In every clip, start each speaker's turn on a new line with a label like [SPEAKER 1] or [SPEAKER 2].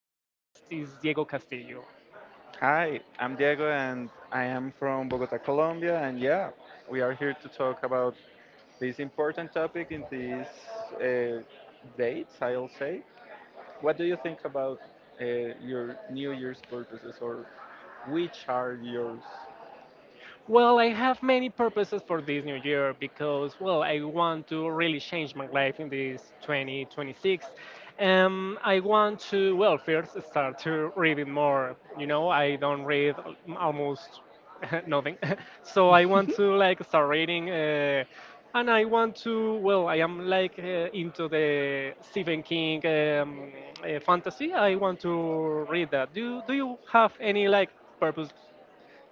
[SPEAKER 1] and my guest is Diego Castillo.
[SPEAKER 2] Hi, I'm Diego and I am from Bogota, Colombia. And yeah, we are here to talk about this important topic in these uh, dates, I'll say. What do you think about uh, your New Year's purposes or which are yours?
[SPEAKER 1] Well, I have many purposes for this new year because, well, I want to really change my life in this 2026. I want to, well, first start to reading more. You know, I don't read almost nothing. So I want to, like, start reading. And I want to, well, I am, like, into the Stephen King fantasy. I want to read that. Do you have any, like, purpose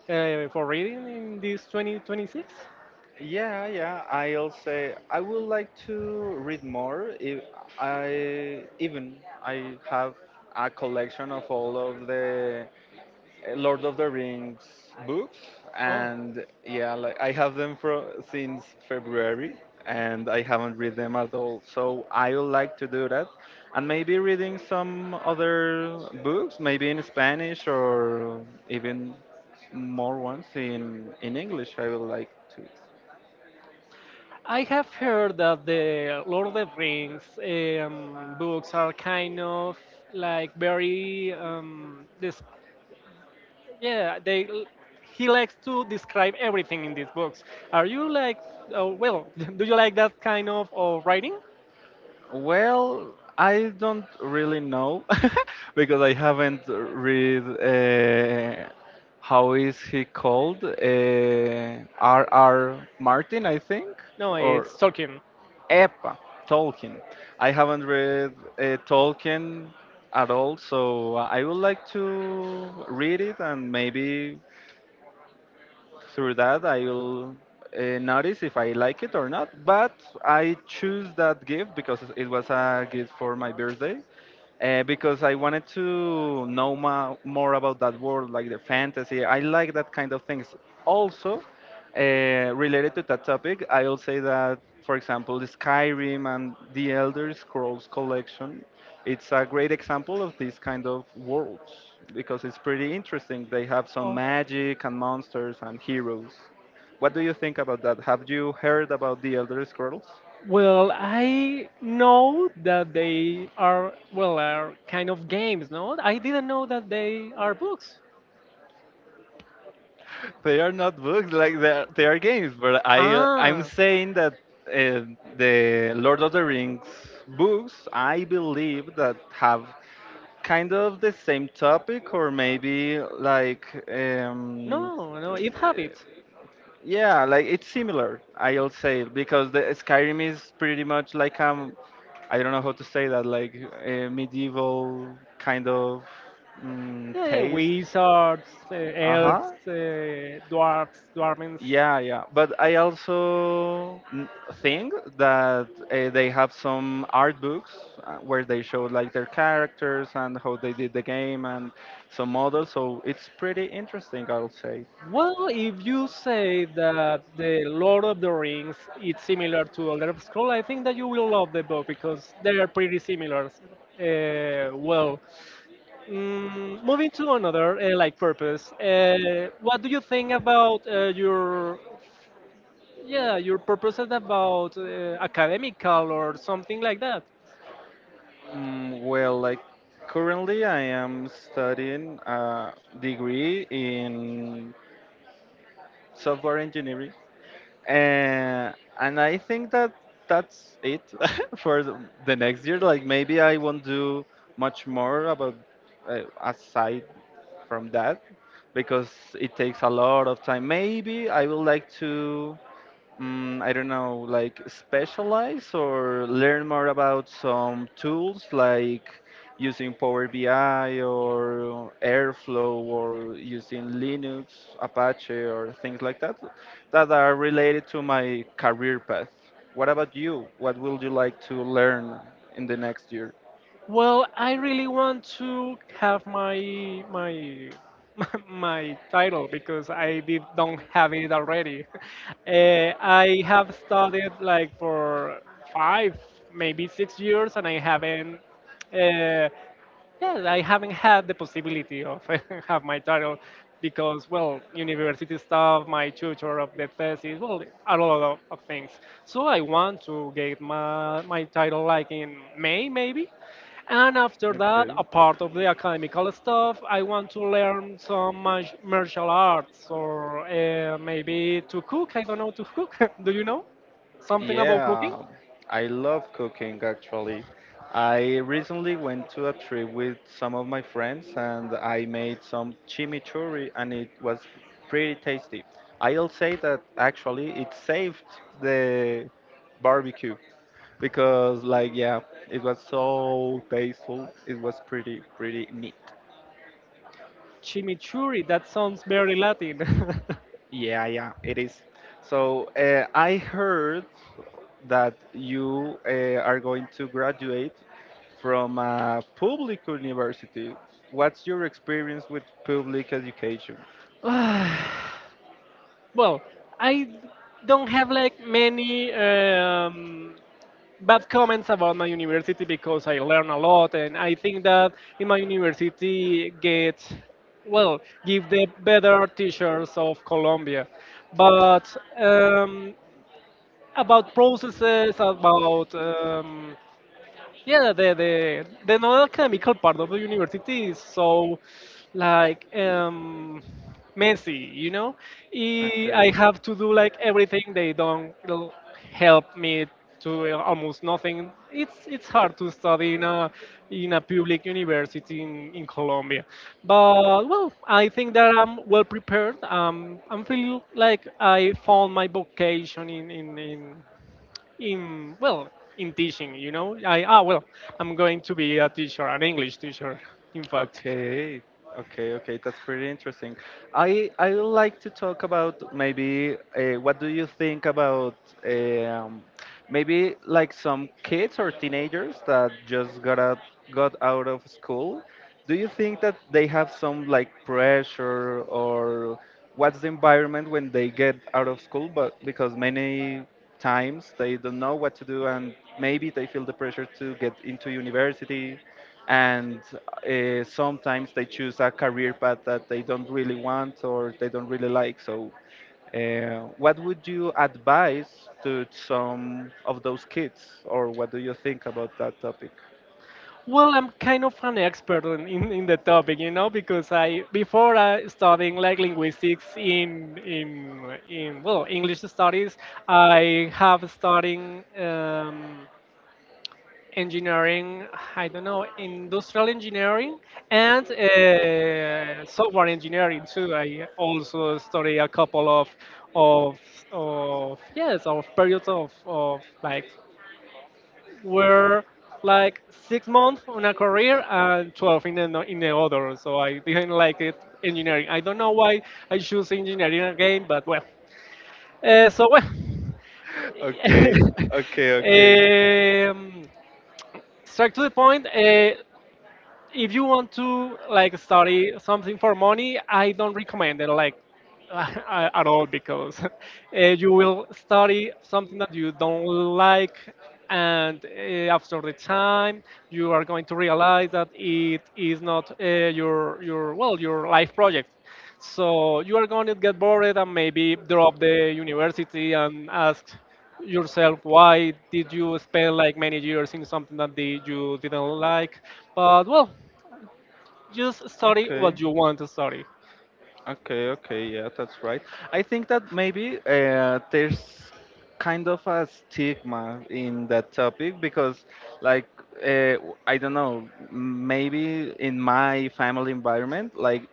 [SPEAKER 1] for reading in this 2026?
[SPEAKER 2] Yeah, yeah, I'll say I would like to read more. If I even I have a collection of all of the Lord of the Rings books,
[SPEAKER 1] Oh,
[SPEAKER 2] and yeah, like I have them for since February, and I haven't read them at all. So I would like to do that, and maybe reading some other books, maybe in Spanish or even more ones in English. I would like to.
[SPEAKER 1] I have heard that the Lord of the Rings books are kind of like very this. Yeah, they he likes to describe everything in these books. Are you like, oh, well, do you like that kind of writing?
[SPEAKER 2] Well, I don't really know because I haven't read how is he called? R. R. Martin, I think,
[SPEAKER 1] No,
[SPEAKER 2] or
[SPEAKER 1] it's Tolkien.
[SPEAKER 2] Epa Tolkien. I haven't read Tolkien at all, so I would like to read it and maybe through that I will notice if I like it or not. But I choose that gift because it was a gift for my birthday because I wanted to know more about that world, like the fantasy. I like that kind of things. Also, uh, related to that topic, I'll say that, for example, the Skyrim and the Elder Scrolls collection, it's a great example of these kind of worlds because it's pretty interesting. They have some
[SPEAKER 1] Oh,
[SPEAKER 2] magic and monsters and heroes. What do you think about that? Have you heard about the Elder Scrolls?
[SPEAKER 1] well, I know that they are are kind of games. No, I didn't know that they are books.
[SPEAKER 2] They are not books, like they are games. But I I'm
[SPEAKER 1] Ah,
[SPEAKER 2] saying that uh, the Lord of the Rings books, I believe that have kind of the same topic or maybe like um,
[SPEAKER 1] no, no, it habits.
[SPEAKER 2] yeah, like it's similar. I'll say because the Skyrim is pretty much like I don't know how to say that, like a medieval kind of
[SPEAKER 1] Yeah, yeah,
[SPEAKER 2] taste.
[SPEAKER 1] wizards,
[SPEAKER 2] Uh huh.
[SPEAKER 1] elves, dwarfs, dwarfins.
[SPEAKER 2] Yeah, yeah. But I also think that they have some art books where they show like their characters and how they did the game and some models. So it's pretty interesting, I'll say.
[SPEAKER 1] Well, if you say that the Lord of the Rings is similar to Elder Scrolls, I think that you will love the book because they are pretty similar. Uh, well, Moving to another like purpose. What do you think about your purposes about academical or something like that?
[SPEAKER 2] Well, like currently I am studying a degree in software engineering, and and I think that that's it for the next year. Like maybe I won't do much more about, aside from that because it takes a lot of time. Maybe I would like to I don't know, like specialize or learn more about some tools like using Power BI or Airflow or using Linux, Apache, or things like that that are related to my career path. What about you? What would you like to learn in the next year?
[SPEAKER 1] Well, I really want to have my my title because I did don't have it already. I have studied like for 5, maybe 6 years, and I haven't. Uh, yeah, I haven't had the possibility of have my title because, well, university stuff, my tutor of the thesis, well, a lot of things. So I want to get my title like in May, maybe. And after that,
[SPEAKER 2] Okay.
[SPEAKER 1] apart of the academical stuff, I want to learn some martial arts or maybe to cook. I don't know to cook. Do you know something about cooking?
[SPEAKER 2] Yeah, I love cooking actually. I recently went to a trip with some of my friends and I made some chimichurri and it was pretty tasty. I'll say that actually it saved the barbecue because like yeah, it was so tasteful. It was pretty pretty neat.
[SPEAKER 1] Chimichurri. That sounds very Latin.
[SPEAKER 2] Yeah, yeah, it is. So I heard that you are going to graduate from a public university. What's your experience with public education?
[SPEAKER 1] Well, I don't have like many bad comments about my university because I learn a lot, and I think that in my university get well give the better teachers of Colombia, but um, about processes about. Yeah, the non-academical part of the university is so like messy, you know. I
[SPEAKER 2] Okay.
[SPEAKER 1] have to do like everything. They don't help me to almost nothing. It's hard to study in a public university in Colombia, but well, I think that I'm well prepared. I'm feeling like I found my vocation in in teaching, you know. I ah well I'm going to be a teacher, an English teacher, in fact.
[SPEAKER 2] Okay, okay, okay. That's pretty interesting. I would like to talk about maybe what do you think about um, maybe like some kids or teenagers that just got out of school. Do you think that they have some like pressure or what's the environment when they get out of school? But because many times they don't know what to do and maybe they feel the pressure to get into university, and sometimes they choose a career path that they don't really want or they don't really like. So, what would you advise to some of those kids, or what do you think about that topic?
[SPEAKER 1] Well, I'm kind of an expert in the topic, you know, because I before, I studying like linguistics in English studies, I have studying engineering, I don't know, industrial engineering and software engineering too. I also study a couple of of yes, of periods of like were like 6 months on a career and 12 in the other. So I didn't like it, engineering. I don't know why I choose engineering again, but well, uh, so well
[SPEAKER 2] Okay, okay, okay.
[SPEAKER 1] um, straight to the point. If you want to like study something for money, I don't recommend it like at all, because you will study something that you don't like, and after the time you are going to realize that it is not your life project. So you are going to get bored and maybe drop the university and ask yourself why did you spend like many years in something that you didn't like. But well, just study
[SPEAKER 2] Okay.
[SPEAKER 1] what you want to study.
[SPEAKER 2] Okay, okay, yeah, that's right. I think that maybe there's kind of a stigma in that topic because, like, I don't know, maybe in my family environment, like,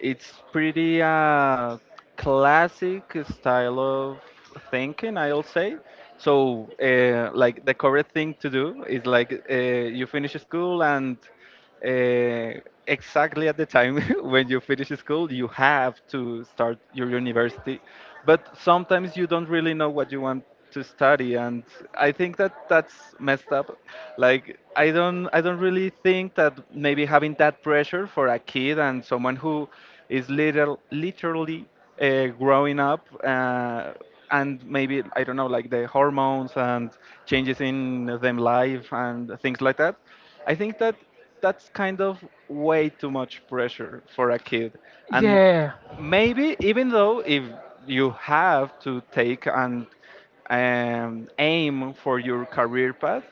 [SPEAKER 2] it's pretty classic style of thinking, I'll say. So, like, the correct thing to do is like you finish school and uh, exactly at the time when you finish school, you have to start your university. But sometimes you don't really know what you want to study, and I think that that's messed up. Like I don't really think that maybe having that pressure for a kid and someone who is literally growing up. And maybe I don't know, like the hormones and changes in them life and things like that. I think that that's kind of way too much pressure for a kid. And
[SPEAKER 1] Yeah,
[SPEAKER 2] maybe even though if you have to take and aim for your career path,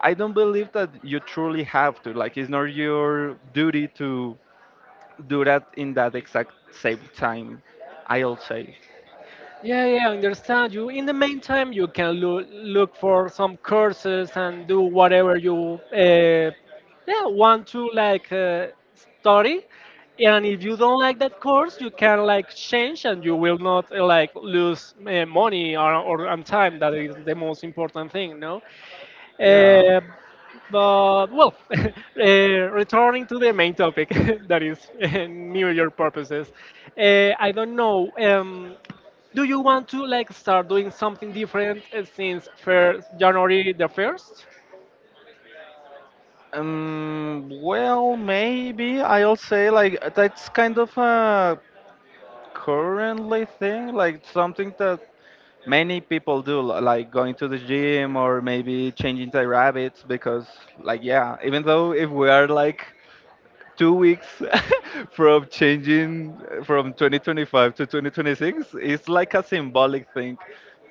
[SPEAKER 2] I don't believe that you truly have to. Like, it's not your duty to do that in that exact same time. I'll say,
[SPEAKER 1] yeah, yeah, I understand you. In the meantime, you can look for some courses and do whatever you yeah, want to like study. And if you don't like that course, you can like change and you will not like lose money, or and time. That is the most important thing, no?
[SPEAKER 2] yeah.
[SPEAKER 1] Uh, but well, returning to the main topic, that is New Year purposes. I don't know. Do you want to like start doing something different since first January the first?
[SPEAKER 2] Well, maybe I'll say like that's kind of a currently thing, like something that many people do like going to the gym or maybe changing their habits because like yeah, even though if we are like 2 weeks from changing from 2025 to 2026, it's like a symbolic thing.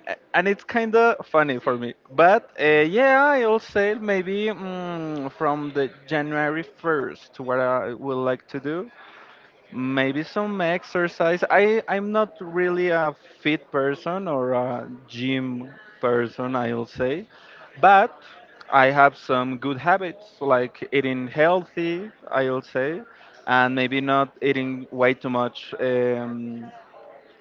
[SPEAKER 2] And it's kind of funny for me, but yeah, I'll say maybe, from the January 1st, what I would like to do: maybe some exercise. I'm not really a fit person or a gym person, I'll say, but I have some good habits like eating healthy, I'll say, and maybe not eating way too much.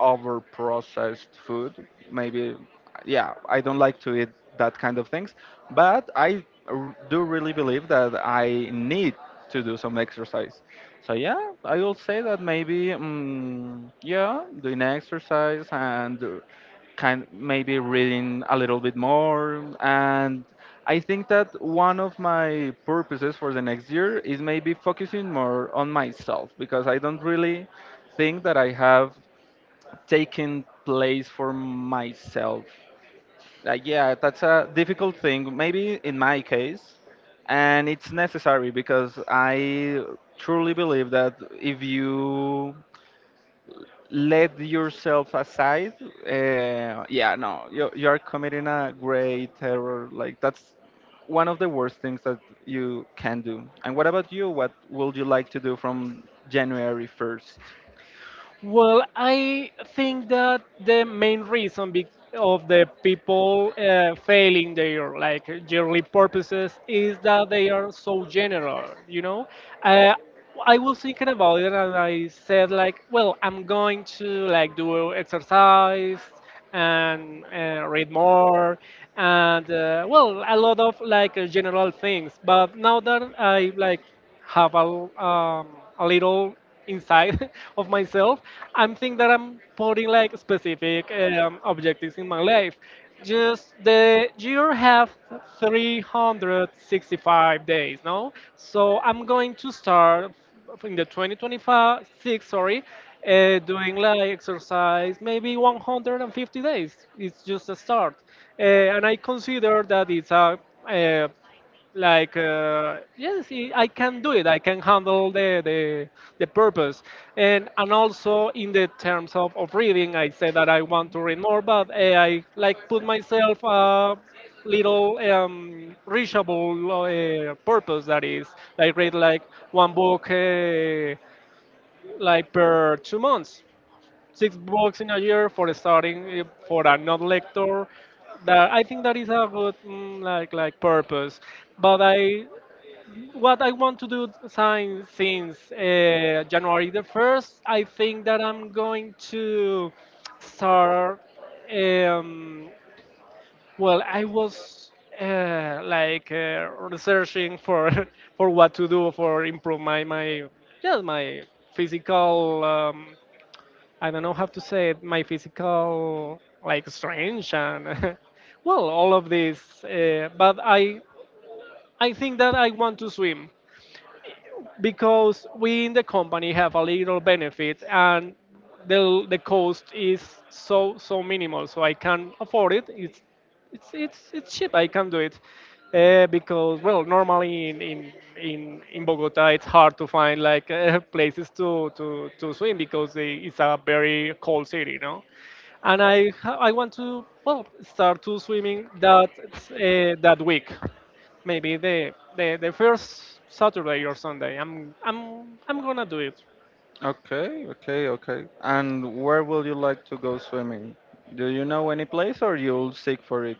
[SPEAKER 2] Over processed food. Maybe, yeah, I don't like to eat that kind of things, but do really believe that I need to do some exercise. So yeah, I will say that maybe, yeah, doing exercise and, kind maybe reading a little bit more. And I think that one of my purposes for the next year is maybe focusing more on myself because I don't really think that I have taking place for myself. Like, yeah, that's a difficult thing, maybe in my case, and it's necessary because I truly believe that if you let yourself aside, yeah, no, you are committing a great error. Like that's one of the worst things that you can do. And what about you? What would you like to do from January 1st?
[SPEAKER 1] Well, I think that the main reason of the people failing their like yearly purposes is that they are so general, you know. Uh, I was thinking about it and I said like, well, I'm going to like do exercise, and read more, and well, a lot of like general things. But now that I like have a little inside of myself, I'm think that I'm putting like specific objectives in my life. Just the year have 365 days, no? So I'm going to start in the 2026, sorry, doing like exercise maybe 150 days. It's just a start, and I consider that it's a uh, yes, I can do it. I can handle the purpose. And also in the terms of reading, I said that I want to read more, but I like put myself a little reachable purpose, that is like read like one book like per 2 months, six books in a year for starting, for a non-lector, that I think that is a good like purpose. But I what I want to do since January the first, I think that I'm going to start. Um, well, I was researching for for what to do for improve my physical. I don't know how to say it. My physical like strength and well, all of this. But I think that I want to swim. Because we in the company have a little benefit, and the cost is so so minimal, so I can afford it. It's cheap, I can do it, because well, normally in Bogota it's hard to find like places to swim, because it's a very cold city, you know. And I want to well start to swimming that that week. Maybe the first Saturday or Sunday. I'm gonna do it.
[SPEAKER 2] Okay, okay, okay. And where will you like to go swimming? Do you know any place or you'll seek for it?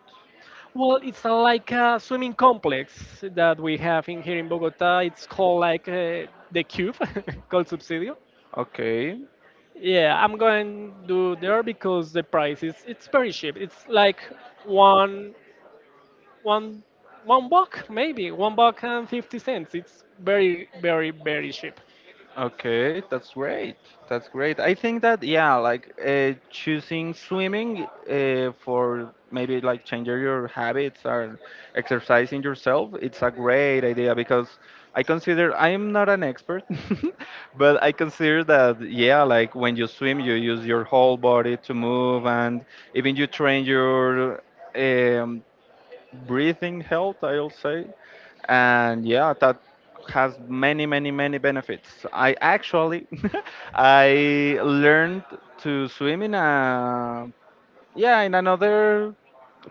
[SPEAKER 1] Well, it's a, like a swimming complex that we have in here in Bogota. It's called like the Cube, called Subsidio.
[SPEAKER 2] Okay.
[SPEAKER 1] Yeah, I'm going to there because the price is it's very cheap. It's like one one one buck, maybe one buck and 50 cents. It's very very very cheap.
[SPEAKER 2] Okay, that's great. That's great. I think that yeah, like choosing swimming for maybe like changing your habits or exercising yourself, it's a great idea because I consider I'm not an expert, but I consider that yeah, like when you swim, you use your whole body to move and even you train your um, breathing health, I'll say, and yeah, that has many many many benefits. I actually I learned to swim in a, yeah, in another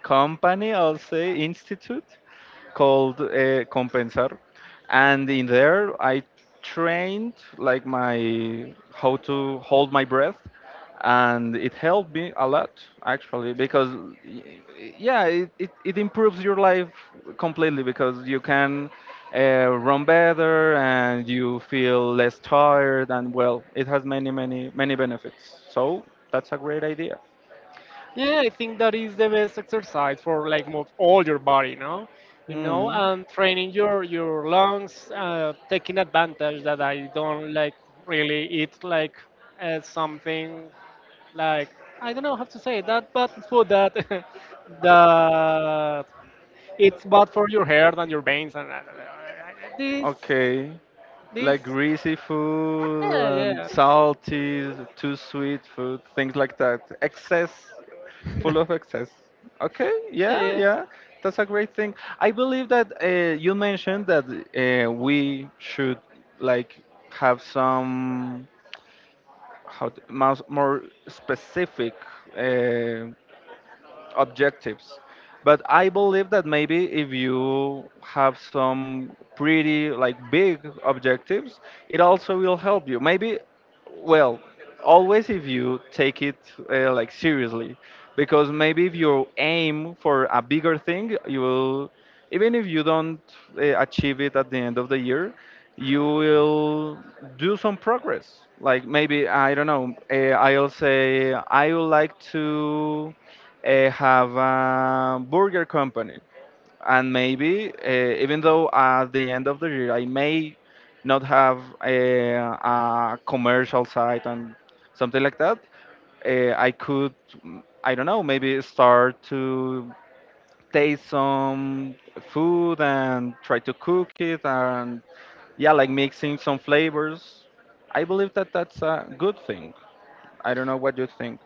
[SPEAKER 2] company, I'll say institute called Compensar, and in there I trained like my how to hold my breath, and it helped me a lot actually because yeah, it improves your life completely because you can run better and you feel less tired and well, it has many many many benefits. So that's a great idea.
[SPEAKER 1] Yeah, I think that is the best exercise for like move all your body, no? You know,
[SPEAKER 2] Hmm.
[SPEAKER 1] and training your lungs, taking advantage that I don't like really eat like something like, I don't know how to say that, but food that that it's bad for your hair and your veins and this
[SPEAKER 2] Okay.
[SPEAKER 1] this
[SPEAKER 2] Like greasy food
[SPEAKER 1] yeah,
[SPEAKER 2] and
[SPEAKER 1] yeah,
[SPEAKER 2] salty, too sweet food, things like that. Excess, full of excess. Okay,
[SPEAKER 1] yeah,
[SPEAKER 2] yeah,
[SPEAKER 1] yeah.
[SPEAKER 2] yeah, that's a great thing. I believe that you mentioned that we should like have some how to- more more specific uh, objectives. But I believe that maybe if you have some pretty like big objectives, it also will help you. Maybe, well, always if you take it like seriously, because maybe if you aim for a bigger thing, you will, even if you don't achieve it at the end of the year, you will do some progress. Like maybe I don't know. I'll say I would like to have a burger company. And maybe, even though at the end of the year I may not have a commercial site and something like that, I could, I don't know, maybe start to taste some food and try to cook it and, yeah, like mixing some flavors. I believe that that's a good thing. I don't know what you think.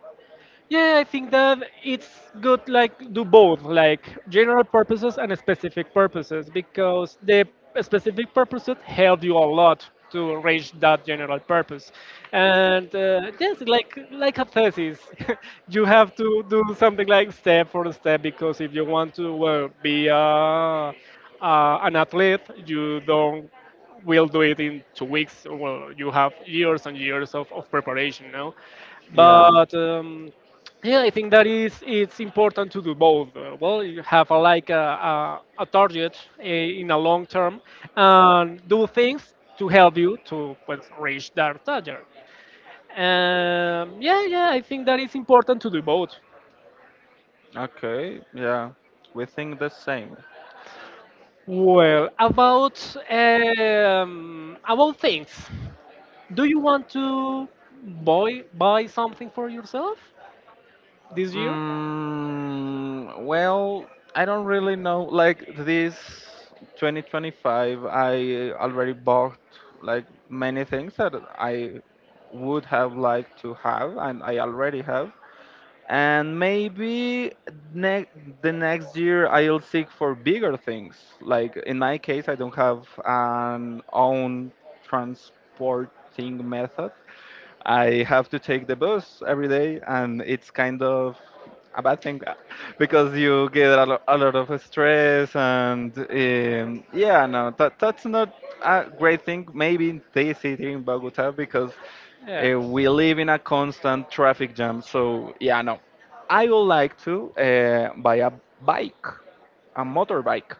[SPEAKER 1] Yeah, I think that it's good like do both, like general purposes and specific purposes, because the specific purposes help you a lot to reach that general purpose. And yes, like a thesis, you have to do something like step for step, because if you want to well, be an athlete, you don't we'll do it in 2 weeks. Well, you have years and years of preparation now.
[SPEAKER 2] Yeah,
[SPEAKER 1] But yeah, I think that is it's important to do both. Well, you have a target, in a long term, and do things to help you to well, reach that target. Yeah, yeah, I think that is important to do both.
[SPEAKER 2] okay, yeah. We think the same.
[SPEAKER 1] Well, about things. Do you want to buy something for yourself this year?
[SPEAKER 2] Well, I don't really know. Like this 2025, I already bought like many things that I would have liked to have, and I already have. And maybe ne- the next year I'll seek for bigger things. Like in my case, I don't have an own transporting method, I have to take the bus every day, and it's kind of a bad thing because you get a lot of stress, and yeah, no, that's not a great thing. Maybe in this city in Bogota because
[SPEAKER 1] Yeah.
[SPEAKER 2] we live in a constant traffic jam. So yeah, no, I would like to buy a bike, a motorbike.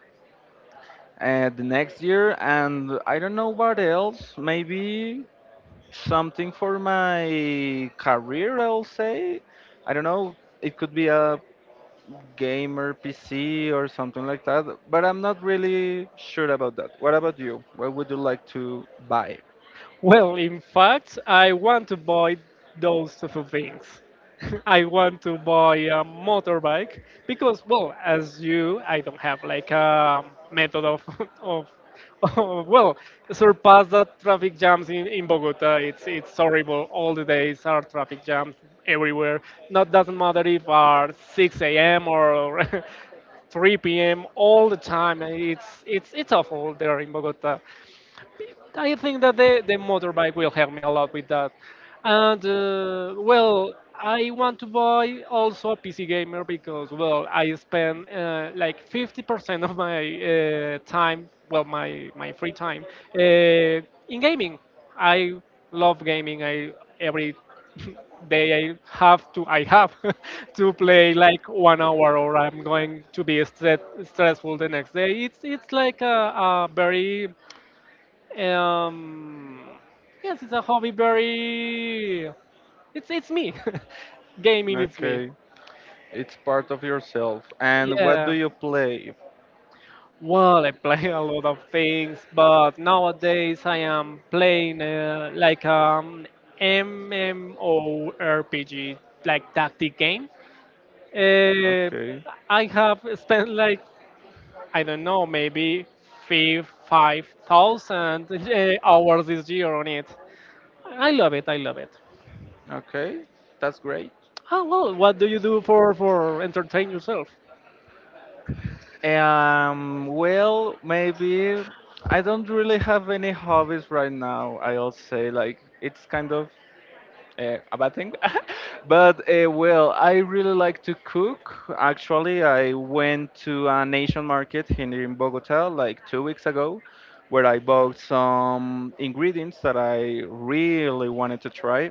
[SPEAKER 2] The next year, and I don't know what else. Maybe something for my career, I'll say. I don't know, it could be a gamer PC or something like that, but I'm not really sure about that. What about you? What would you like to buy?
[SPEAKER 1] Well, in fact, I want to buy those type of things. I want to buy a motorbike because, well, as you, I don't have like a method of, of surpass the traffic jams in Bogota. It's horrible. All the days are traffic jams everywhere. Not Doesn't matter if are 6 a.m. or 3 p.m. all the time. And It's it's awful there in Bogota. I think that the motorbike will help me a lot with that. And well, I want to buy also a PC gamer, because well, I spend like 50% of my time, well, my free time, uh, in gaming. I love gaming. I every day I have to play like 1 hour, or I'm going to be stressful the next day. It's like a very um, yes, it's a hobby. It's me. Gaming, it's me.
[SPEAKER 2] Okay, it's part of yourself. And what do
[SPEAKER 1] Yeah.
[SPEAKER 2] you play?
[SPEAKER 1] Well, I play a lot of things, but nowadays I am playing like MMORPG, like tactic game. Uh,
[SPEAKER 2] Okay,
[SPEAKER 1] I have spent like, I don't know, maybe five thousand hours this year on it. I love it. I love it.
[SPEAKER 2] okay, that's great.
[SPEAKER 1] Oh well, what do you do for entertain yourself?
[SPEAKER 2] Well, maybe I don't really have any hobbies right now. I'll say like it's kind of a bad thing. But well, I really like to cook. Actually, I went to an Asian market here in Bogota like 2 weeks ago, where I bought some ingredients that I really wanted to try.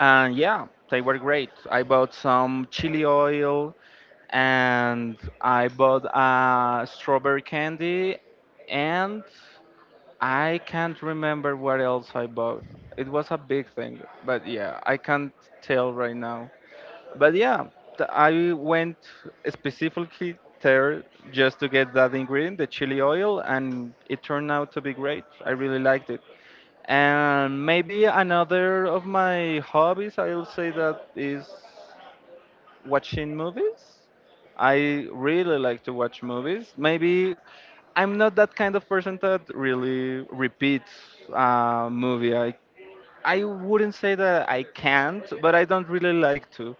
[SPEAKER 2] And yeah, they were great. I bought some chili oil and I bought a strawberry candy and I can't remember what else I bought. It was a big thing, but yeah, I can't tell right now. But yeah, I went specifically there just to get that ingredient, the chili oil, and it turned out to be great. I really liked it. And maybe another of my hobbies, I'll say that is watching movies. I really like to watch movies. Maybe I'm not that kind of person that really repeats a movie. I wouldn't say that I can't, but I don't really like to.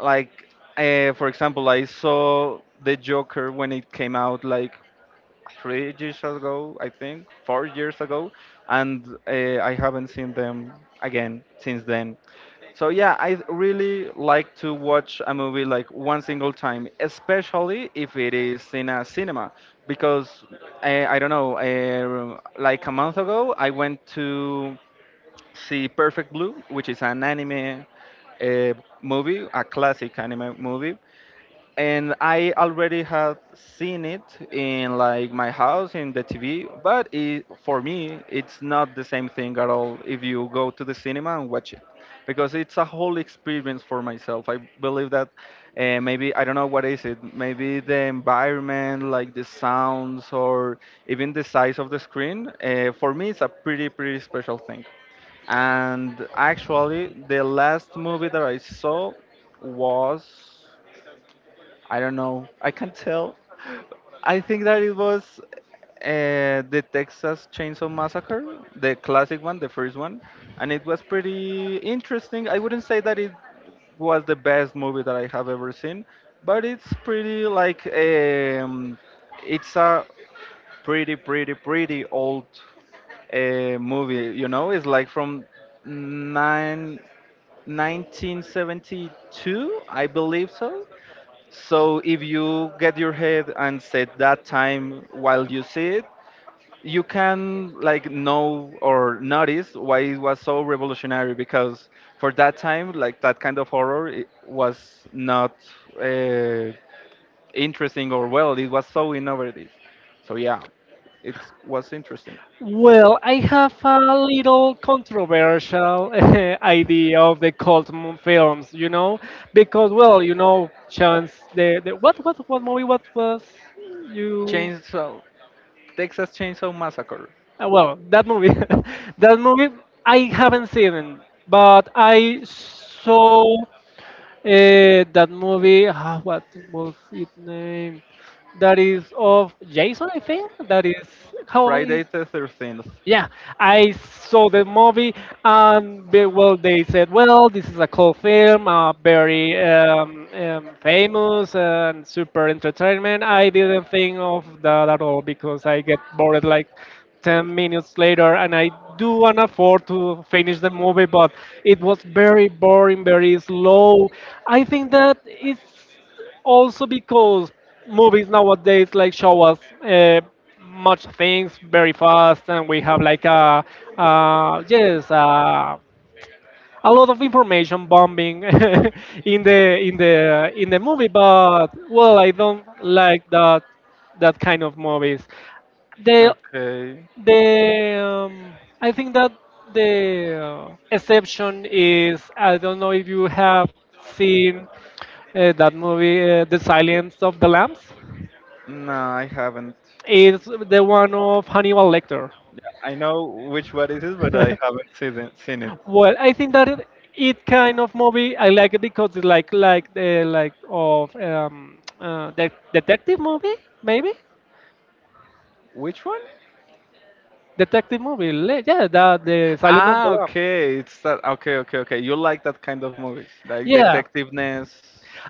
[SPEAKER 2] Like, for example, I saw The Joker when it came out like 3 years ago, I think, 4 years ago, and I haven't seen them again since then. So yeah, I really like to watch a movie like one single time, especially if it is in a cinema, because I don't know, like a month ago, I went to see Perfect Blue, which is an anime uh, movie, a classic anime movie, and I already had seen it in like my house in the TV, but for me it's not the same thing at all if you go to the cinema and watch it because it's a whole experience for myself. I believe that maybe I don't know what is it, maybe the environment, like the sounds or even the size of the screen, for me it's a pretty special thing. And actually the last movie that I saw was I don't know. I can't tell. I think that it was the Texas Chainsaw Massacre, the classic one, the first one, and it was pretty interesting. I wouldn't say that it was the best movie that I have ever seen, but it's pretty like it's a pretty, pretty, pretty old movie. You know, it's like from nine 1972. I believe so. So if you get your head and set that time while you see it, you can like know or notice why it was so revolutionary because for that time, like that kind of horror it was not uh, interesting or well, it was so innovative. So yeah, it was interesting.
[SPEAKER 1] Well, I have a little controversial idea of the cult films, you know, because, well, you know, chance the what movie what was you
[SPEAKER 2] Chainsaw, Texas Chainsaw Massacre,
[SPEAKER 1] well, that movie, that movie, I haven't seen it, but I saw that movie. Ah, what was its name? That is of Jason, I think. That is how is.
[SPEAKER 2] Friday the 13th.
[SPEAKER 1] Yeah, I saw the movie, and they, well, they said, well, this is a cult film, very famous and super entertainment. I didn't think of that at all because I get bored like 10 minutes later, and I do want to afford to finish the movie, but it was very boring, very slow. I think that it's also because movies nowadays like show us much things very fast, and we have like a uh, yes uh, a lot of information bombing in the in the movie. But well, I don't like that kind of movies. They
[SPEAKER 2] Okay,
[SPEAKER 1] the um, I think that the exception is, I don't know if you have seen that movie, The Silence of the Lambs.
[SPEAKER 2] no, I haven't.
[SPEAKER 1] It's the one of Hannibal Lecter.
[SPEAKER 2] I know which one it is, but I haven't seen it. Seen it.
[SPEAKER 1] Well, I think that it kind of movie I like it because it's like the like of detective movie maybe,
[SPEAKER 2] Which one?
[SPEAKER 1] detective movie yeah, that the Silence of the
[SPEAKER 2] Ah,
[SPEAKER 1] Lambs.
[SPEAKER 2] okay. It's that. Okay, okay, okay. You like that kind of movies, like
[SPEAKER 1] Yeah,
[SPEAKER 2] detectiveness,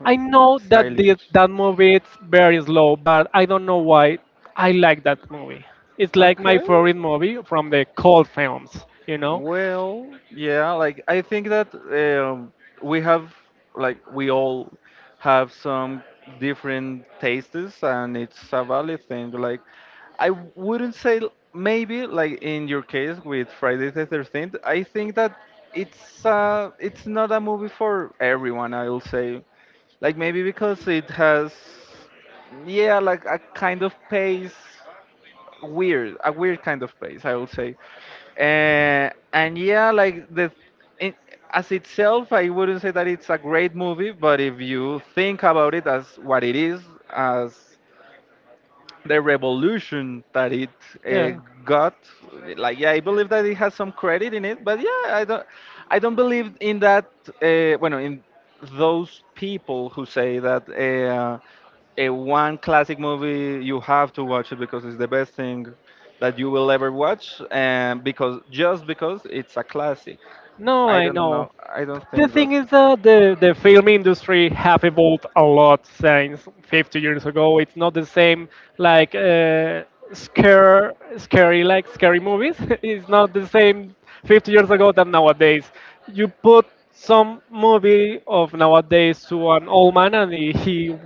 [SPEAKER 1] I know that
[SPEAKER 2] stylish.
[SPEAKER 1] that movie is very slow, but I don't know why I like that movie. It's like my
[SPEAKER 2] Okay.
[SPEAKER 1] favorite movie from the cold films, you know?
[SPEAKER 2] Well, yeah, like I think that we have, like, we all have some different tastes, and it's a valid thing. Like, I wouldn't say maybe like in your case with Friday the 13th, I think that it's it's not a movie for everyone, I will say. Like maybe because it has yeah, like a kind of pace weird, a weird kind of pace, I will say. And yeah, like the in, as itself, I wouldn't say that it's a great movie, but if you think about it as what it is, as the revolution that it uh,
[SPEAKER 1] Yeah.
[SPEAKER 2] got, like yeah, I believe that it has some credit in it, but yeah, I don't believe in that. Bueno, in those people who say that. A one classic movie you have to watch it because it's the best thing that you will ever watch and because just because it's a classic.
[SPEAKER 1] No,
[SPEAKER 2] I
[SPEAKER 1] I
[SPEAKER 2] don't know,
[SPEAKER 1] know.
[SPEAKER 2] I don't
[SPEAKER 1] The
[SPEAKER 2] think that.
[SPEAKER 1] thing is that the film industry have evolved a lot since 50 years ago. It's not the same like scary like scary movies. It's not the same 50 years ago than nowadays. You put some movie of nowadays to an old man, and he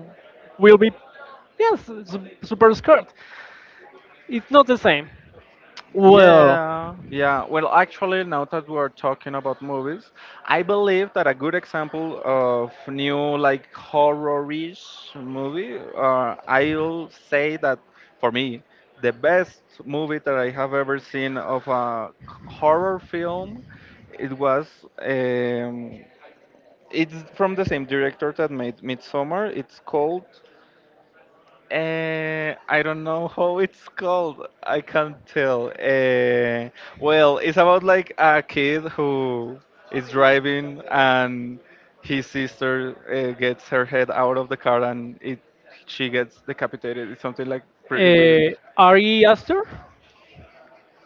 [SPEAKER 1] will be yes super scared. It's not the same. Well,
[SPEAKER 2] Yeah, yeah. Well, actually, now that we are talking about movies, I believe that a good example of new like horror-ish movie, I'll say that for me, the best movie that I have ever seen of a horror film, it was um, it's from the same director that made Midsommar. It's called I don't know how it's called. I can't tell. Well, it's about like a kid who is driving and his sister gets her head out of the car and it she gets decapitated. It's something like pretty weird.
[SPEAKER 1] uh, Ari Aster,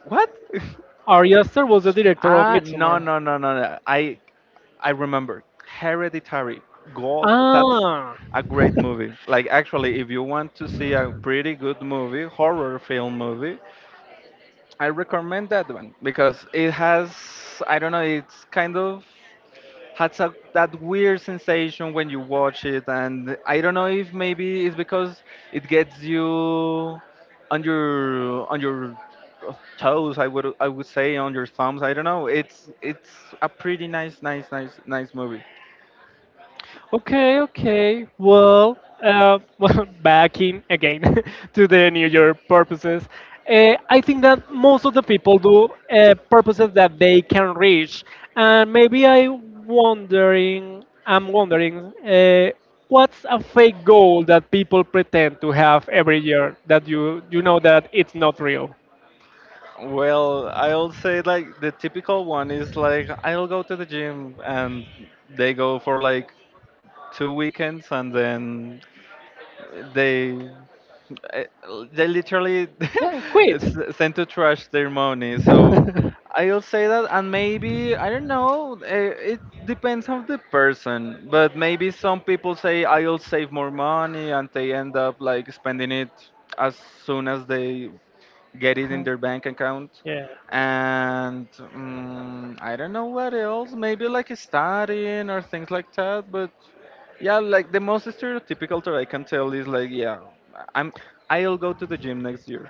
[SPEAKER 2] What?
[SPEAKER 1] Ari Aster was the director of
[SPEAKER 2] Ah, no,
[SPEAKER 1] Midsommar.
[SPEAKER 2] no, no, no, no. I remember. Hereditary. God, that's
[SPEAKER 1] Ah,
[SPEAKER 2] a great movie. Like actually, if you want to see a pretty good movie, horror film movie, I recommend that one because it has, I don't know, it's kind of has a, that weird sensation when you watch it, and I don't know if maybe it's because it gets you on your toes. I would say on your thumbs. I don't know. It's a pretty, nice, nice, nice, nice movie.
[SPEAKER 1] okay, okay. Well, well, back in again to the New Year purposes. I think that most of the people do purposes that they can reach, and I'm wondering, uh, what's a fake goal that people pretend to have every year that you know that it's not real?
[SPEAKER 2] Well, I'll say like the typical one is like I'll go to the gym and they go for like two weekends and then they eh, they literally
[SPEAKER 1] Yeah, quit.
[SPEAKER 2] sent to trash their money. So I'll say that, and maybe I don't know. It depends on the person, but maybe some people say I'll save more money, and they end up like spending it as soon as they get it in their bank account
[SPEAKER 1] yeah,
[SPEAKER 2] and I don't know what else maybe like studying or things like that but yeah like the most stereotypical that I can tell is like yeah, i'm I'll go to the gym next year.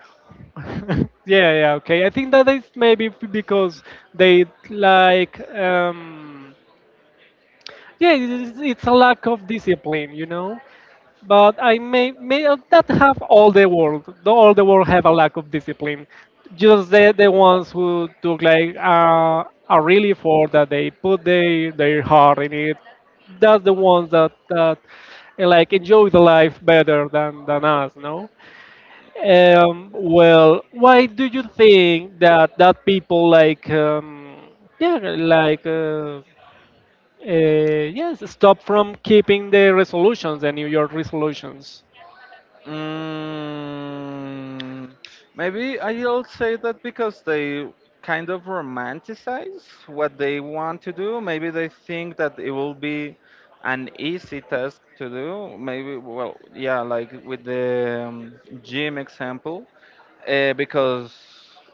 [SPEAKER 1] Yeah, yeah, okay. I think that is maybe because they like, yeah, it's a lack of discipline, you know. But I may not have all the world. All the world have a lack of discipline. Just the ones who took like a real effort, that they put their heart in it. That's the ones that like enjoy the life better than us, no? Well, why do you think that people like yeah like uh, uh, yes stop from keeping the resolutions, the New York resolutions?
[SPEAKER 2] Mm, maybe I'll say that because they kind of romanticize what they want to do. Maybe they think that it will be an easy task to do. Maybe, well, yeah, like with the gym example, because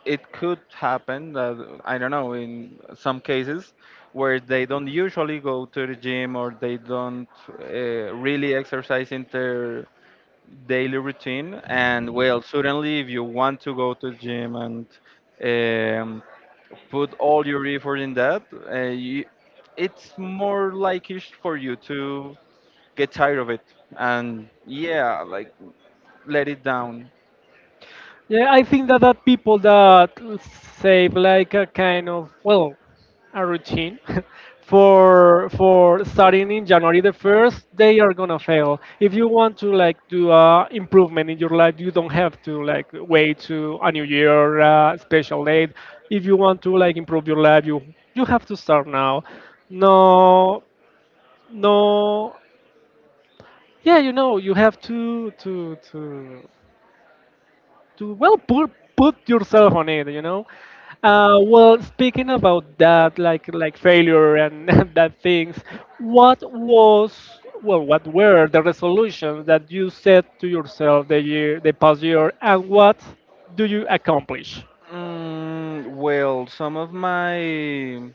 [SPEAKER 2] it could happen that, I don't know, in some cases where they don't usually go to the gym or they don't really exercise in their daily routine and well certainly if you want to go to the gym and um, put all your effort in that uh, you, it's more likely for you to get tired of it and yeah like let it down.
[SPEAKER 1] Yeah, I think that, that people that save like a kind of, well, a routine for starting in January the first, they are gonna fail. If you want to like do a improvement in your life, you don't have to like wait to a new year special date. If you want to like improve your life, you have to start now. No, no, yeah, you know, you have to well put yourself on it, you know. Well, speaking about that like failure, and and that things, what was well, what were the resolutions that you set to yourself the past year, and what do you accomplish?
[SPEAKER 2] Mm, well some of my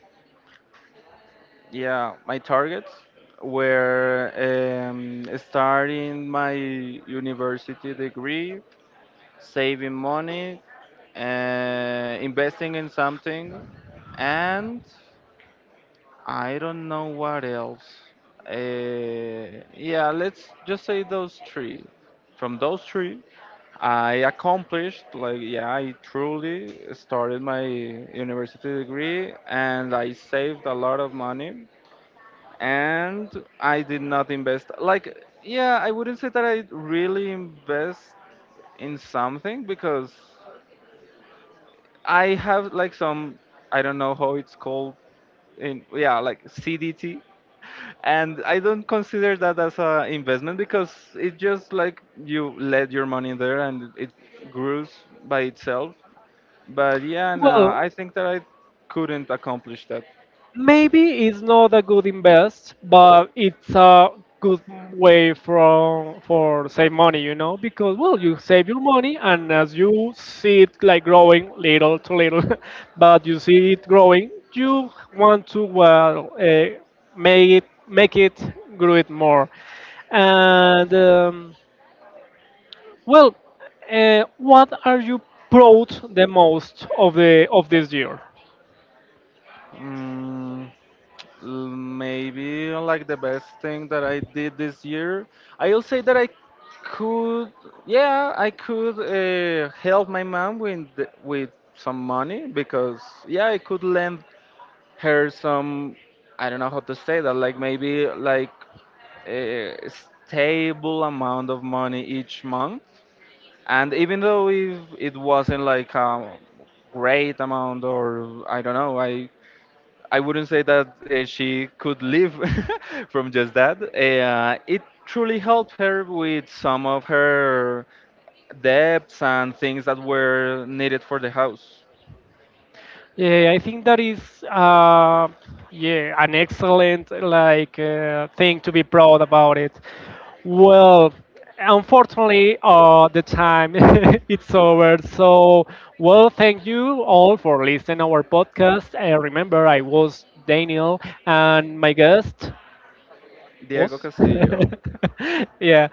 [SPEAKER 2] yeah my targets were starting my university degree, saving money, investing in something, and I don't know what else. Yeah, let's just say those three. From those three, I accomplished, like, yeah, I truly started my university degree and I saved a lot of money and I did not invest. Like, yeah, I wouldn't say that I really invest in something because I have like some I don't know how it's called in yeah like CDT and I don't consider that as a investment because it just like you let your money there and it grows by itself. But yeah, no, I
[SPEAKER 1] Well,
[SPEAKER 2] think that I couldn't accomplish that.
[SPEAKER 1] maybe it's not a good invest, but it's a good way from for save money, you know, because, well, you save your money, and as you see it like growing little to little, but you see it growing, you want to, well, make it grow it more, and well, what are you proud the most of the of this year?
[SPEAKER 2] Mm, maybe like the best thing that I did this year. I'll say that could, yeah, I could help my mom with some money because yeah, I could lend her some. I don't know how to say that. Like maybe like a stable amount of money each month. And even though if it wasn't like a great amount or I don't know, I wouldn't say that she could live from just that. It truly helped her with some of her debts and things that were needed for the house.
[SPEAKER 1] Yeah, I think that is yeah, an excellent like thing to be proud about it. Well, unfortunately, the time it's over. So, well, thank you all for listening our podcast. Remember, I was Daniel, and my guest
[SPEAKER 2] Diego
[SPEAKER 1] was
[SPEAKER 2] Castillo,
[SPEAKER 1] yeah.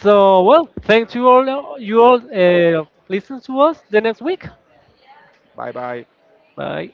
[SPEAKER 1] So, well, thank you all. You all listen to us the next week.
[SPEAKER 2] bye bye.
[SPEAKER 1] Bye.